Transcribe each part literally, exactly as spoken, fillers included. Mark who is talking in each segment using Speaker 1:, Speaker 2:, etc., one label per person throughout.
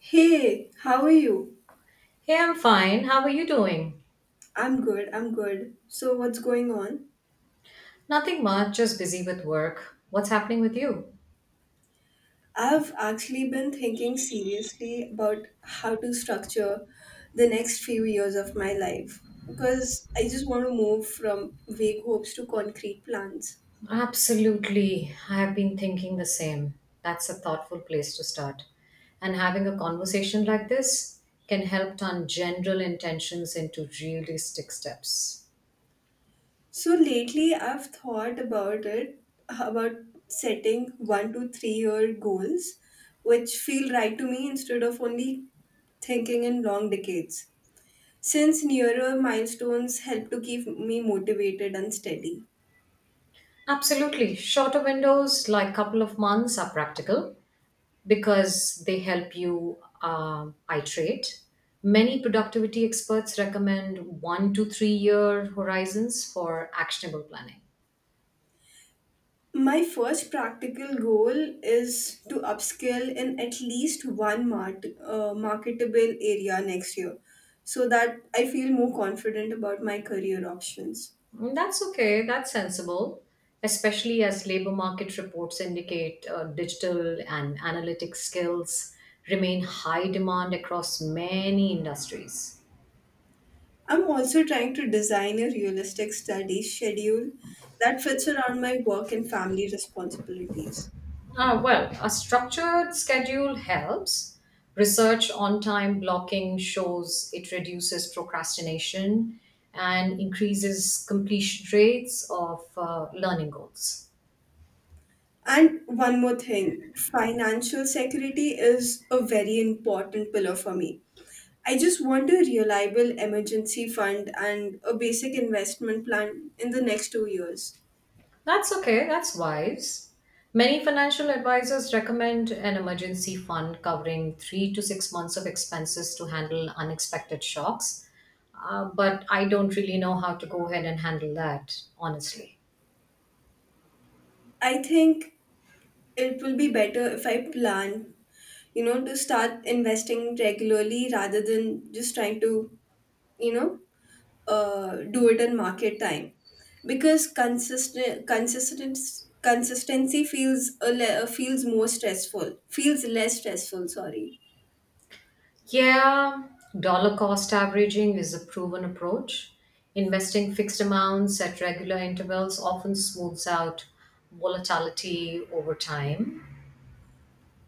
Speaker 1: Hey, how are you?
Speaker 2: Hey, I'm fine. How are you doing?
Speaker 1: I'm good, I'm good. So, what's going on?
Speaker 2: Nothing much, just busy with work. What's happening with you?
Speaker 1: I've actually been thinking seriously about how to structure the next few years of my life because I just want to move from vague hopes to concrete plans.
Speaker 2: Absolutely. I have been thinking the same. That's a thoughtful place to start. And having a conversation like this can help turn general intentions into realistic steps.
Speaker 1: So, lately I've thought about it, about setting one to three year goals which feel right to me instead of only thinking in long decades, since nearer milestones help to keep me motivated and steady.
Speaker 2: Absolutely. Shorter windows, like couple of months, are practical. Because they help you um iterate. Many productivity experts recommend one to three year horizons for actionable planning.
Speaker 1: My first practical goal is to upskill in at least one mart- uh, marketable area next year, so that I feel more confident about my career options.
Speaker 2: Mm, that's okay, that's sensible, especially as labor market reports indicate uh, digital and analytic skills remain high demand across many industries.
Speaker 1: I'm also trying to design a realistic study schedule that fits around my work and family responsibilities.
Speaker 2: Uh, well, a structured schedule helps. Research on time blocking shows it reduces procrastination and increases completion rates of uh, learning goals.
Speaker 1: And one more thing: financial security is a very important pillar for me. I just want a reliable emergency fund and a basic investment plan in the next two years.
Speaker 2: That's okay, that's wise. Many financial advisors recommend an emergency fund covering three to six months of expenses to handle unexpected shocks, uh, but I don't really know how to go ahead and handle that, honestly.
Speaker 1: I think it will be better if I plan, you know, to start investing regularly, rather than just trying to, you know, uh, do it in market time. Because consistent, consistent, consistency feels a le- feels more stressful, feels less stressful. Sorry.
Speaker 2: Yeah, dollar cost averaging is a proven approach. Investing fixed amounts at regular intervals often smooths out volatility over time.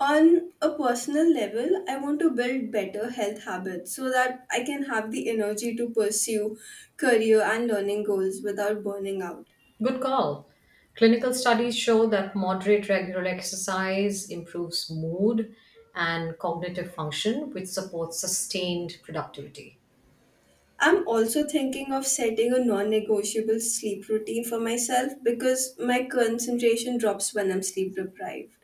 Speaker 1: On a personal level, I want to build better health habits so that I can have the energy to pursue career and learning goals without burning out.
Speaker 2: Good call. Clinical studies show that moderate regular exercise improves mood and cognitive function, which supports sustained productivity.
Speaker 1: I'm also thinking of setting a non negotiable sleep routine for myself, because my concentration drops when I'm sleep deprived.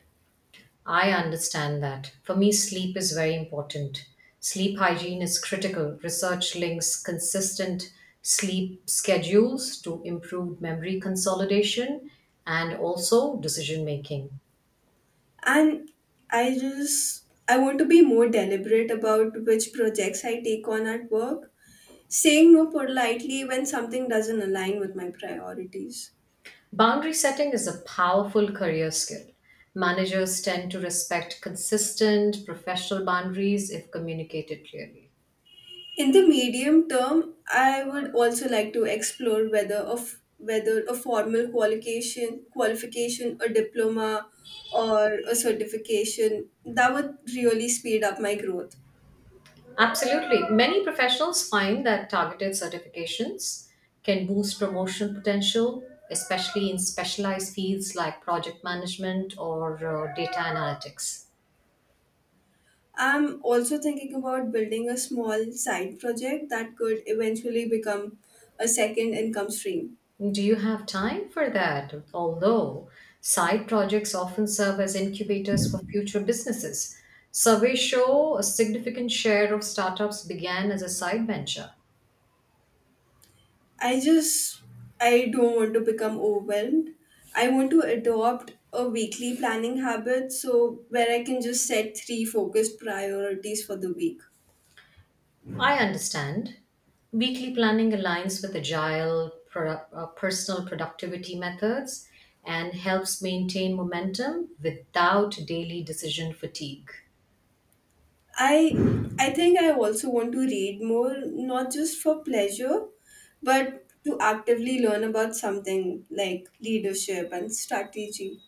Speaker 2: I understand that. For me, sleep is very important. Sleep hygiene is critical. Research links consistent sleep schedules to improved memory consolidation and also decision making.
Speaker 1: And I just I want to be more deliberate about which projects I take on at work, saying no politely when something doesn't align with my priorities.
Speaker 2: Boundary setting is a powerful career skill. Managers tend to respect consistent professional boundaries if communicated clearly.
Speaker 1: In the medium term, I would also like to explore whether of whether a formal qualification, qualification, a diploma, or a certification that would really speed up my growth.
Speaker 2: Absolutely. Many professionals find that targeted certifications can boost promotion potential, especially in specialized fields like project management or uh, data analytics.
Speaker 1: I'm also thinking about building a small side project that could eventually become a second income stream.
Speaker 2: Do you have time for that? Although side projects often serve as incubators for future businesses, surveys show a significant share of startups began as a side venture.
Speaker 1: I just I don't want to become overwhelmed. I want to adopt a weekly planning habit, so where I can just set three focused priorities for the week.
Speaker 2: I understand. Weekly planning aligns with agile pro- uh, personal productivity methods and helps maintain momentum without daily decision fatigue.
Speaker 1: I I think I also want to read more, not just for pleasure but to actively learn about something like leadership and strategy.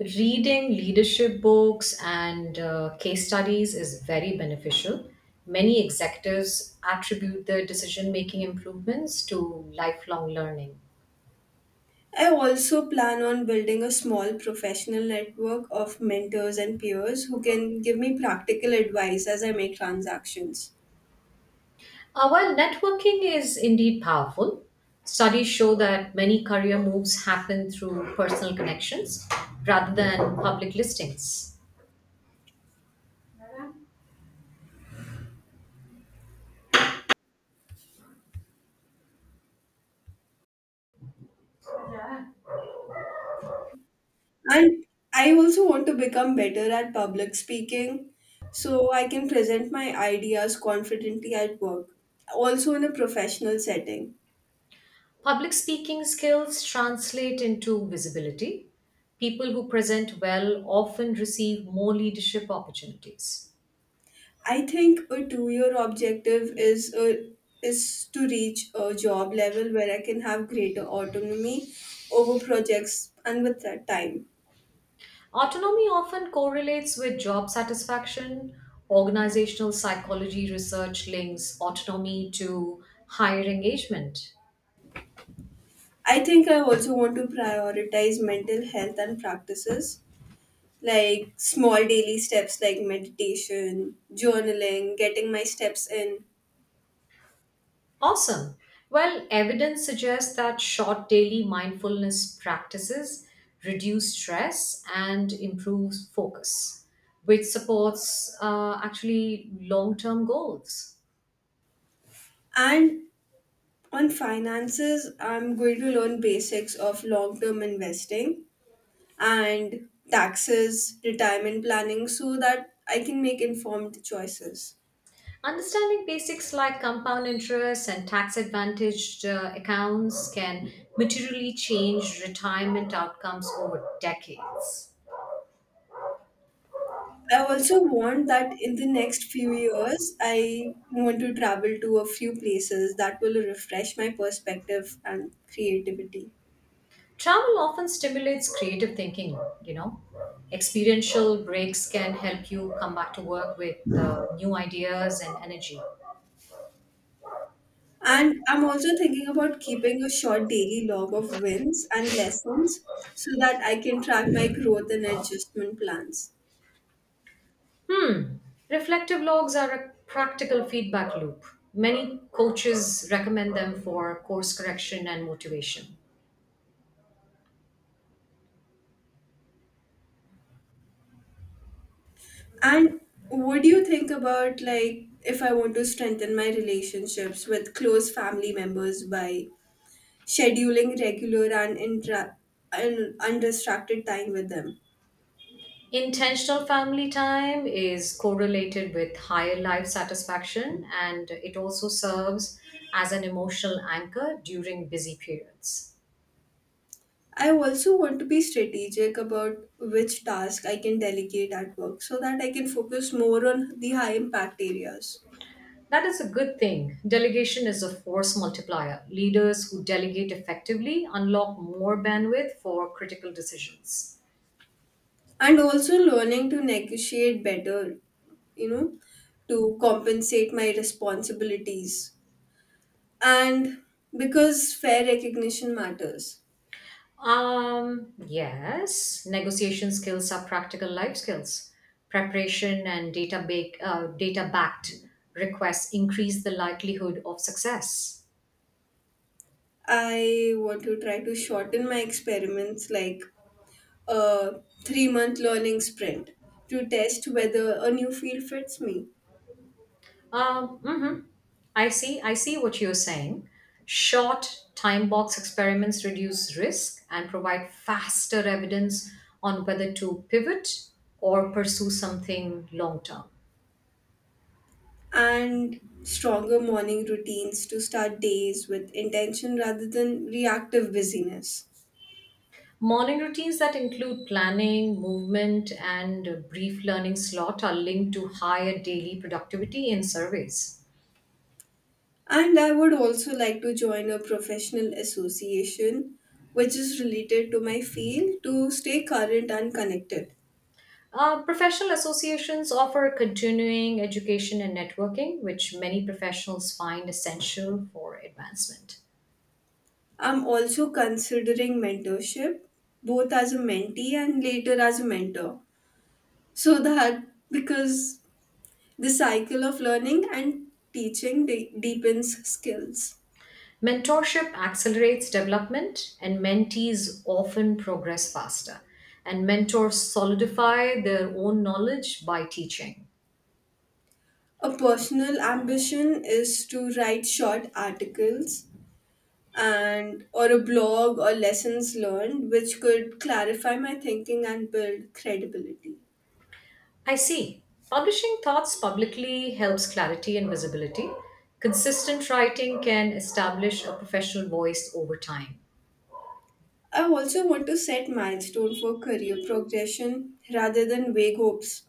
Speaker 2: Reading leadership books and uh, case studies is very beneficial. Many executives attribute their decision making improvements to lifelong learning.
Speaker 1: I also plan on building a small professional network of mentors and peers who can give me practical advice as I make transactions.
Speaker 2: Uh, while networking is indeed powerful, studies show that many career moves happen through personal connections rather than public listings.
Speaker 1: And I also want to become better at public speaking, so I can present my ideas confidently at work, also in a professional setting.
Speaker 2: Public speaking skills translate into visibility. People who present well often receive more leadership opportunities.
Speaker 1: I think a two-year objective is a, is to reach a job level where I can have greater autonomy over projects and with that time.
Speaker 2: Autonomy often correlates with job satisfaction. Organizational psychology research links autonomy to higher engagement.
Speaker 1: I think I also want to prioritize mental health and practices, like small daily steps like meditation, journaling, getting my steps in.
Speaker 2: Awesome. Well, evidence suggests that short daily mindfulness practices reduce stress and improves focus, which supports uh, actually long term goals.
Speaker 1: And on finances, I'm going to learn basics of long term investing and taxes, retirement planning, so that I can make informed choices.
Speaker 2: Understanding basics like compound interest and tax advantaged uh, accounts can materially change retirement outcomes over decades.
Speaker 1: I also want that in the next few years, I want to travel to a few places that will refresh my perspective and creativity.
Speaker 2: Travel often stimulates creative thinking, you know. Experiential breaks can help you come back to work with uh, new ideas and energy.
Speaker 1: And I'm also thinking about keeping a short daily log of wins and lessons, so that I can track my growth and adjustment plans.
Speaker 2: Hmm. Reflective logs are a practical feedback loop. Many coaches recommend them for course correction and motivation.
Speaker 1: And what do you think about, like, if I want to strengthen my relationships with close family members by scheduling regular and, intra- and undistracted time with them?
Speaker 2: Intentional family time is correlated with higher life satisfaction, and it also serves as an emotional anchor during busy periods.
Speaker 1: I also want to be strategic about which task I can delegate at work, so that I can focus more on the high impact areas.
Speaker 2: That is a good thing. Delegation is a force multiplier. Leaders who delegate effectively unlock more bandwidth for critical decisions.
Speaker 1: And also learning to negotiate better, you know, to compensate my responsibilities. And because fair recognition matters,
Speaker 2: Um, yes, negotiation skills are practical life skills. Preparation and data, ba- uh, data backed requests increase the likelihood of success.
Speaker 1: I want to try to shorten my experiments, like a three month learning sprint, to test whether a new field fits me,
Speaker 2: Um, mhm. I see. I see what you're saying. Short time box experiments reduce risk and provide faster evidence on whether to pivot or pursue something long term.
Speaker 1: and stronger morning routines to start days with intention rather than reactive busyness.
Speaker 2: Morning routines that include planning, movement, and a brief learning slot are linked to higher daily productivity in surveys.
Speaker 1: And I would also like to join a professional association which is related to my field, to stay current and connected.
Speaker 2: Uh, professional associations offer continuing education and networking, which many professionals find essential for advancement.
Speaker 1: I'm also considering mentorship, both as a mentee and later as a mentor. So that, because the cycle of learning and teaching de- deepens skills.
Speaker 2: Mentorship accelerates development, and mentees often progress faster. And mentors solidify their own knowledge by teaching.
Speaker 1: A personal ambition is to write short articles and or a blog or lessons learned, which could clarify my thinking and build credibility.
Speaker 2: I see. Publishing thoughts publicly helps clarity and visibility. Consistent writing can establish a professional voice over time.
Speaker 1: I also want to set milestone for career progression rather than vague hopes.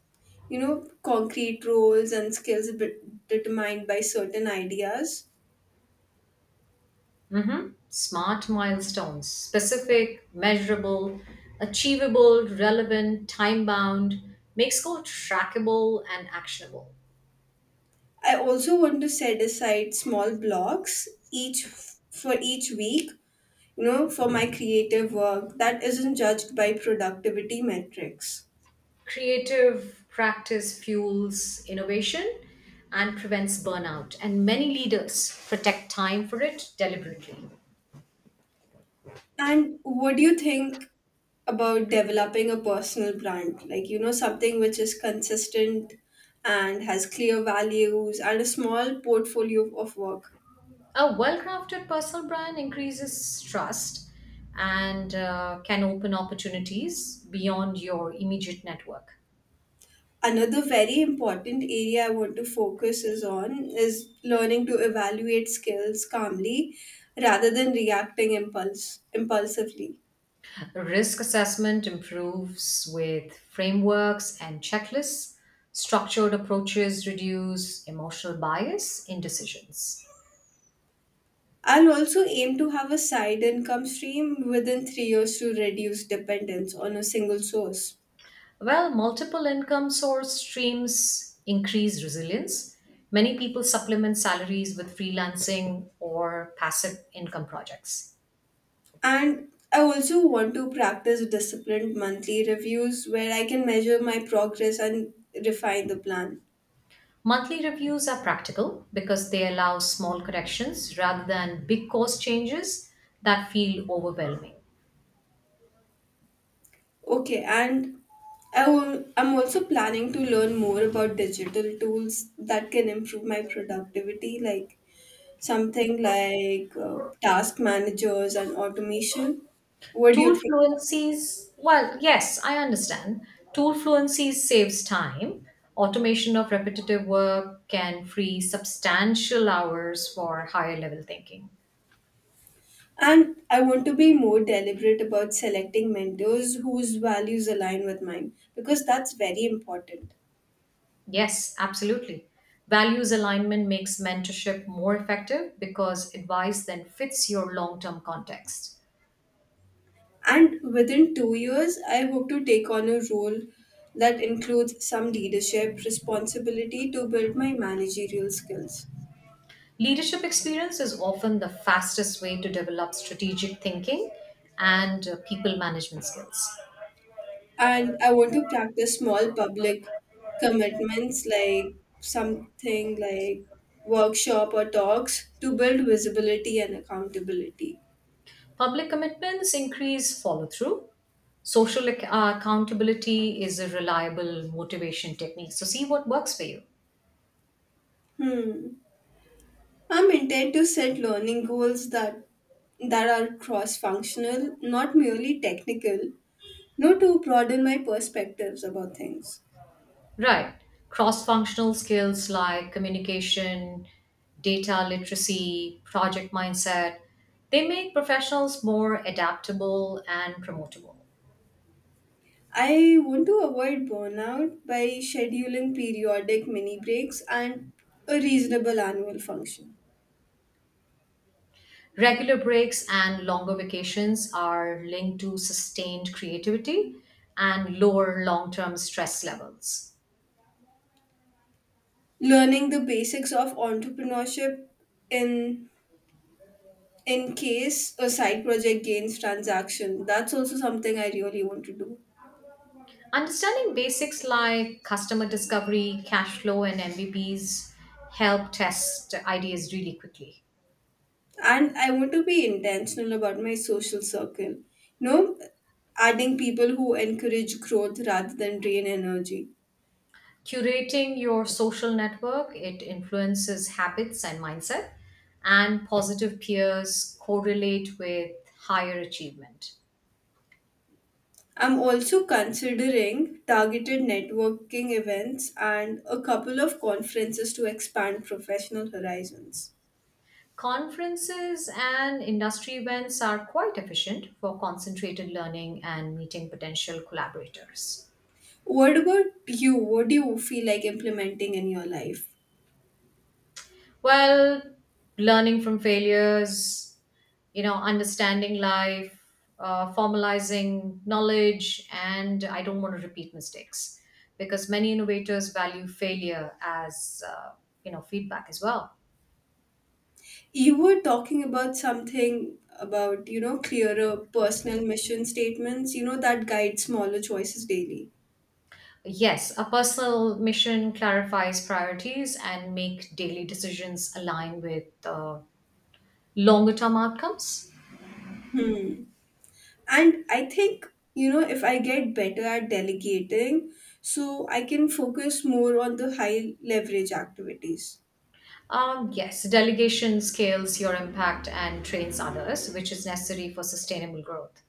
Speaker 1: You know, concrete roles and skills be- determined by certain ideas.
Speaker 2: Hmm. Smart milestones, specific, measurable, achievable, relevant, time bound, makes goal trackable and actionable.
Speaker 1: I also want to set aside small blocks each for each week, you know, for my creative work that isn't judged by productivity metrics.
Speaker 2: Creative practice fuels innovation and prevents burnout, and many leaders protect time for it deliberately.
Speaker 1: And what do you think about developing a personal brand? Like, you know, something which is consistent and has clear values and a small portfolio of work.
Speaker 2: A well crafted personal brand increases trust and uh, can open opportunities beyond your immediate network.
Speaker 1: Another very important area I want to focus is on is learning to evaluate skills calmly, rather than reacting impulse impulsively.
Speaker 2: Risk assessment improves with frameworks and checklists. Structured approaches reduce emotional bias in decisions.
Speaker 1: I'll also aim to have a side income stream within three years, to reduce dependence on a single source.
Speaker 2: Well, multiple income source streams increase resilience. Many people supplement salaries with freelancing or passive income projects.
Speaker 1: And I also want to practice disciplined monthly reviews, where I can measure my progress and refine the plan.
Speaker 2: Monthly reviews are practical because they allow small corrections rather than big cost changes that feel overwhelming.
Speaker 1: Okay, and I will, I'm also planning to learn more about digital tools that can improve my productivity, like something like uh, task managers and automation. What do you
Speaker 2: Tool
Speaker 1: think?
Speaker 2: fluencies, well, yes, I understand. Tool fluencies saves time. Automation of repetitive work can free substantial hours for higher level thinking.
Speaker 1: And I want to be more deliberate about selecting mentors whose values align with mine, because that's very important.
Speaker 2: Yes, absolutely. Values alignment makes mentorship more effective because advice then fits your long term context.
Speaker 1: And within two years, I hope to take on a role that includes some leadership responsibility, to build my managerial skills.
Speaker 2: Leadership experience is often the fastest way to develop strategic thinking and uh, people management skills.
Speaker 1: And I want to practice small public commitments, like something like workshop or talks, to build visibility and accountability.
Speaker 2: Public commitments increase follow through. Social ac- uh, accountability is a reliable motivation technique. So, see what works for you.
Speaker 1: Hmm. I'm intent to set learning goals that that are cross-functional, not merely technical, no, to broaden my perspectives about things.
Speaker 2: Right. Cross functional skills like communication, data literacy, project mindset, they make professionals more adaptable and promotable.
Speaker 1: I want to avoid burnout by scheduling periodic mini breaks and a reasonable annual function.
Speaker 2: Regular breaks and longer vacations are linked to sustained creativity and lower long term stress levels.
Speaker 1: Learning the basics of entrepreneurship in in case a side project gains transaction. That's also something I really want to do.
Speaker 2: Understanding basics like customer discovery, cash flow, and M V Ps help test ideas really quickly.
Speaker 1: And I want to be intentional about my social circle. You know, adding people who encourage growth rather than drain energy.
Speaker 2: Curating your social network, it influences habits and mindset, and positive peers correlate with higher achievement.
Speaker 1: I'm also considering targeted networking events and a couple of conferences, to expand professional horizons.
Speaker 2: Conferences and industry events are quite efficient for concentrated learning and meeting potential collaborators.
Speaker 1: What about you? What do you feel like implementing in your life?
Speaker 2: Well, learning from failures, you know, understanding life, uh, formalizing knowledge, and I don't want to repeat mistakes because many innovators value failure as, uh, you know, feedback as well.
Speaker 1: You were talking about something about, you know, clearer personal mission statements, you know, that guide smaller choices daily.
Speaker 2: Yes, a personal mission clarifies priorities and make daily decisions align with uh, longer term outcomes.
Speaker 1: Hmm. And I think, you know, if I get better at delegating, so I can focus more on the high leverage activities.
Speaker 2: Um, yes, delegation scales your impact and trains others, which is necessary for sustainable growth.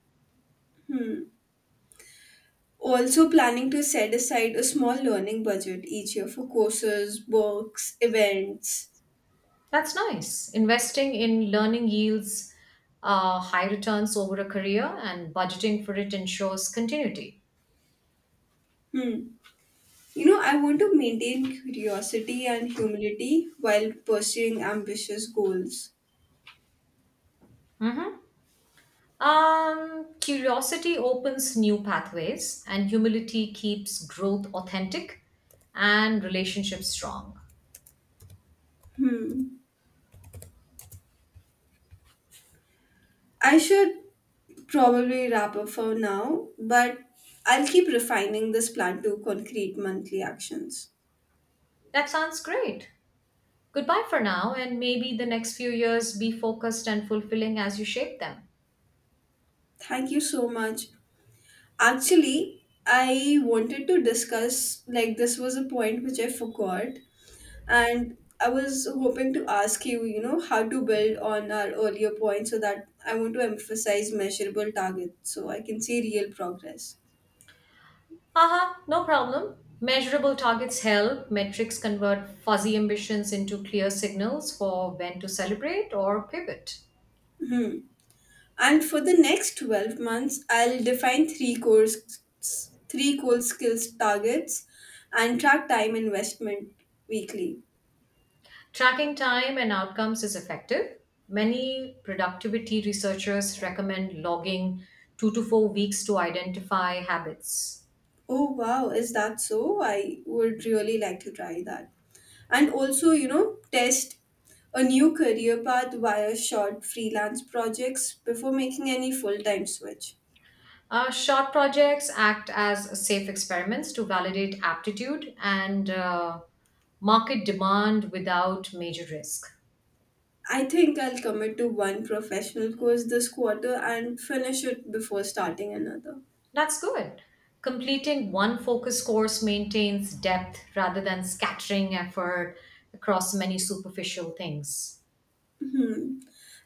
Speaker 1: Hmm. Also, planning to set aside a small learning budget each year for courses, books, events.
Speaker 2: That's nice. Investing in learning yields uh, high returns over a career, and budgeting for it ensures continuity.
Speaker 1: Hmm. You know, I want to maintain curiosity and humility while pursuing ambitious goals.
Speaker 2: Um, curiosity opens new pathways, and humility keeps growth authentic and relationships strong.
Speaker 1: Hmm. I should probably wrap up for now, but I'll keep refining this plan to concrete monthly actions.
Speaker 2: That sounds great. Goodbye for now, and maybe the next few years be focused and fulfilling as you shape them.
Speaker 1: Thank you so much. Actually, I wanted to discuss, like, this was a point which I forgot. And I was hoping to ask you, you know, how to build on our earlier point, so that I want to emphasize measurable targets so I can see real progress.
Speaker 2: Haha, no problem. Measurable targets help. Metrics convert fuzzy ambitions into clear signals for when to celebrate or pivot.
Speaker 1: And for the next twelve months, I'll define three core, s- three core skills targets and track time investment weekly.
Speaker 2: Tracking time and outcomes is effective. Many productivity researchers recommend logging two to four weeks to identify habits.
Speaker 1: Oh wow, is that so? I would really like to try that. And also, you know, test a new career path via short freelance projects, before making any full time switch.
Speaker 2: Uh, short projects act as safe experiments to validate aptitude and uh, market demand without major risk.
Speaker 1: I think I'll commit to one professional course this quarter and finish it before starting another.
Speaker 2: That's good. Completing one focus course maintains depth rather than scattering effort across many superficial things.
Speaker 1: Hmm.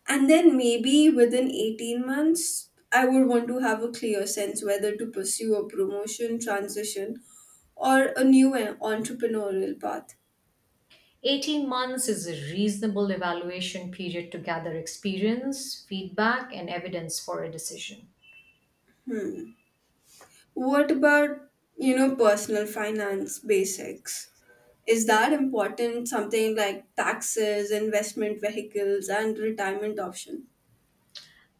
Speaker 1: And then maybe within eighteen months, I would want to have a clear sense whether to pursue a promotion, transition, or a new en- entrepreneurial path.
Speaker 2: eighteen months is a reasonable evaluation period to gather experience, feedback, and evidence for a decision.
Speaker 1: What about, you know, personal finance basics? Is that important? Something like taxes, investment vehicles, and retirement option.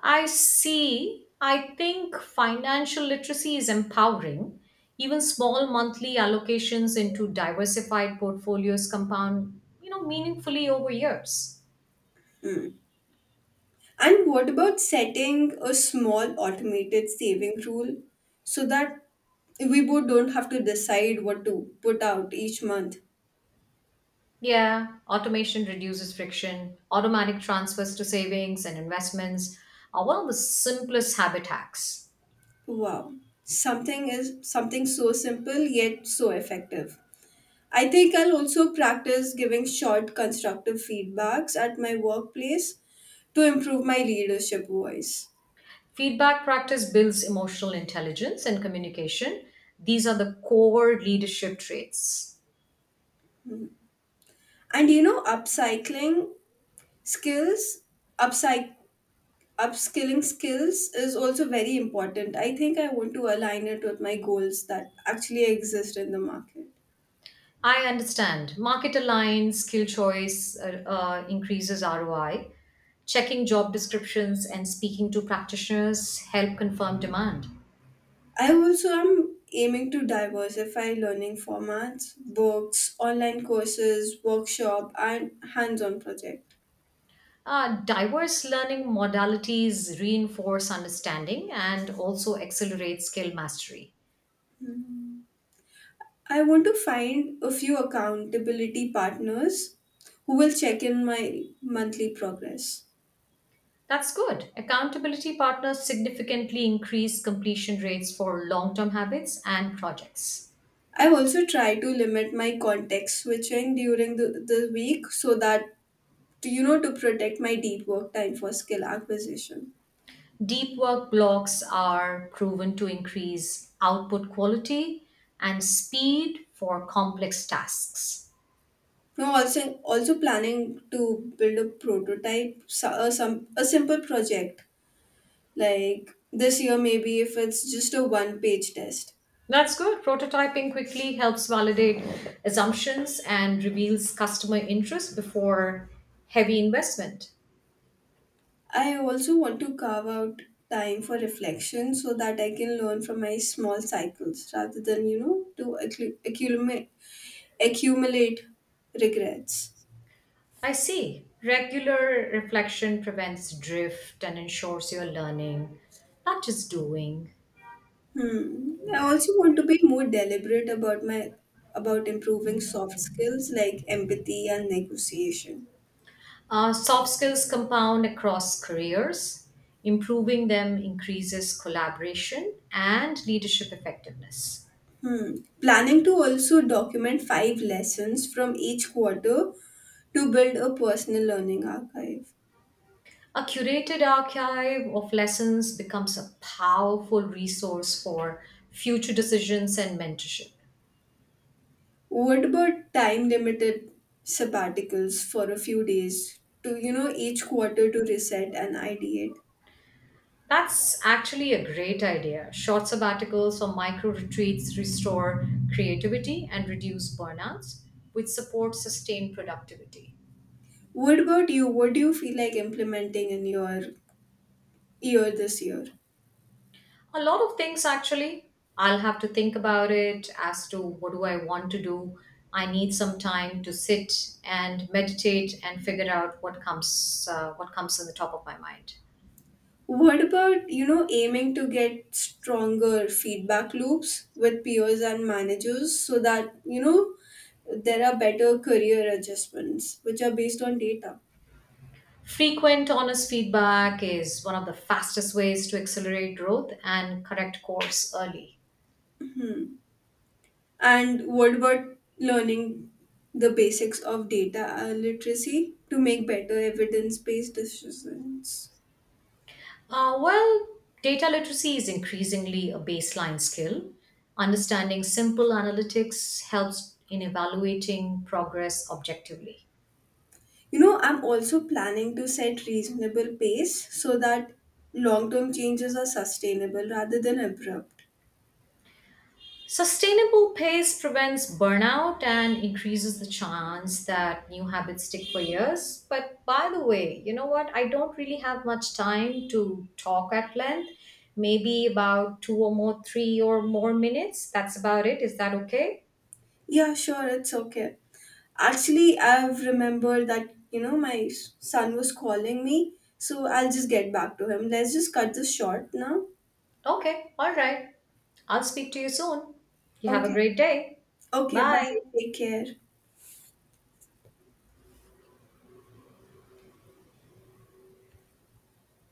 Speaker 2: I see. I think financial literacy is empowering. Even small monthly allocations into diversified portfolios compound, you know, meaningfully over years.
Speaker 1: And what about setting a small automated saving rule, so that we both don't have to decide what to put out each month?
Speaker 2: Yeah, automation reduces friction, automatic transfers to savings and investments are one of the simplest habit hacks.
Speaker 1: Wow. Something is something so simple yet so effective. I think I'll also practice giving short constructive feedbacks at my workplace, to improve my leadership voice.
Speaker 2: Feedback practice builds emotional intelligence and communication. These are the core leadership traits.
Speaker 1: And you know, upcycling skills, upcyc- upskilling skills is also very important. I think I want to align it with my goals that actually exist in the market.
Speaker 2: I understand. Market aligned skill choice uh, uh, increases R O I. Checking job descriptions and speaking to practitioners help confirm demand.
Speaker 1: I also am aiming to diversify learning formats, books, online courses, workshop, and hands on projects.
Speaker 2: Uh, diverse learning modalities reinforce understanding and also accelerate skill mastery.
Speaker 1: I want to find a few accountability partners who will check in my monthly progress.
Speaker 2: That's good. Accountability partners significantly increase completion rates for long term habits and projects.
Speaker 1: I also try to limit my context switching during the, the week, so that to, you know to protect my deep work time for skill acquisition.
Speaker 2: Deep work blocks are proven to increase output quality and speed for complex tasks.
Speaker 1: Now also also planning to build a prototype so- a, some a simple project like this year, maybe, if it's just a one page test.
Speaker 2: That's good. Prototyping quickly helps validate assumptions and reveals customer interest before heavy investment.
Speaker 1: I also want to carve out time for reflection, so that I can learn from my small cycles, rather than, you know, to accu- accumulate, accumulate regrets.
Speaker 2: I see. Regular reflection prevents drift and ensures you're learning, not just doing.
Speaker 1: Hmm. I also want to be more deliberate about my about improving soft skills like empathy and negotiation.
Speaker 2: Uh, soft skills compound across careers. Improving them increases collaboration and leadership effectiveness.
Speaker 1: Hmm. Planning to also document five lessons from each quarter to build a personal learning archive.
Speaker 2: A curated archive of lessons becomes a powerful resource for future decisions and mentorship.
Speaker 1: What about time limited sabbaticals for a few days to, you know, each quarter, to reset and ideate?
Speaker 2: That's actually a great idea. Short sabbaticals or micro retreats restore creativity and reduce burnouts, which support sustained productivity.
Speaker 1: What about you? What do you feel like implementing in your year this year?
Speaker 2: A lot of things, actually. I'll have to think about it as to what do I want to do. I need some time to sit and meditate and figure out what comes uh, what comes in the top of my mind.
Speaker 1: What about, you know, aiming to get stronger feedback loops with peers and managers, so that, you know, there are better career adjustments which are based on data?
Speaker 2: Frequent honest feedback is one of the fastest ways to accelerate growth and correct course early.
Speaker 1: Hmm. And what about learning the basics of data literacy to make better evidence based decisions.
Speaker 2: Uh, well, data literacy is increasingly a baseline skill. Understanding simple analytics helps in evaluating progress objectively.
Speaker 1: You know i'm also planning to set reasonable pace, so that long term changes are sustainable rather than abrupt.
Speaker 2: Sustainable pace prevents burnout and increases the chance that new habits stick for years. But by the way, you know what? I don't really have much time to talk at length. Maybe about two or more, three or more minutes. That's about it. Is that okay?
Speaker 1: Yeah, sure, it's okay. Actually, I've remembered that you know my s- son was calling me, so I'll just get back to him. Let's just cut this short now.
Speaker 2: Okay. All right. I'll speak to you soon. You have a
Speaker 1: Okay.
Speaker 2: great day.
Speaker 1: Okay, bye.
Speaker 2: Bye.
Speaker 1: Take care.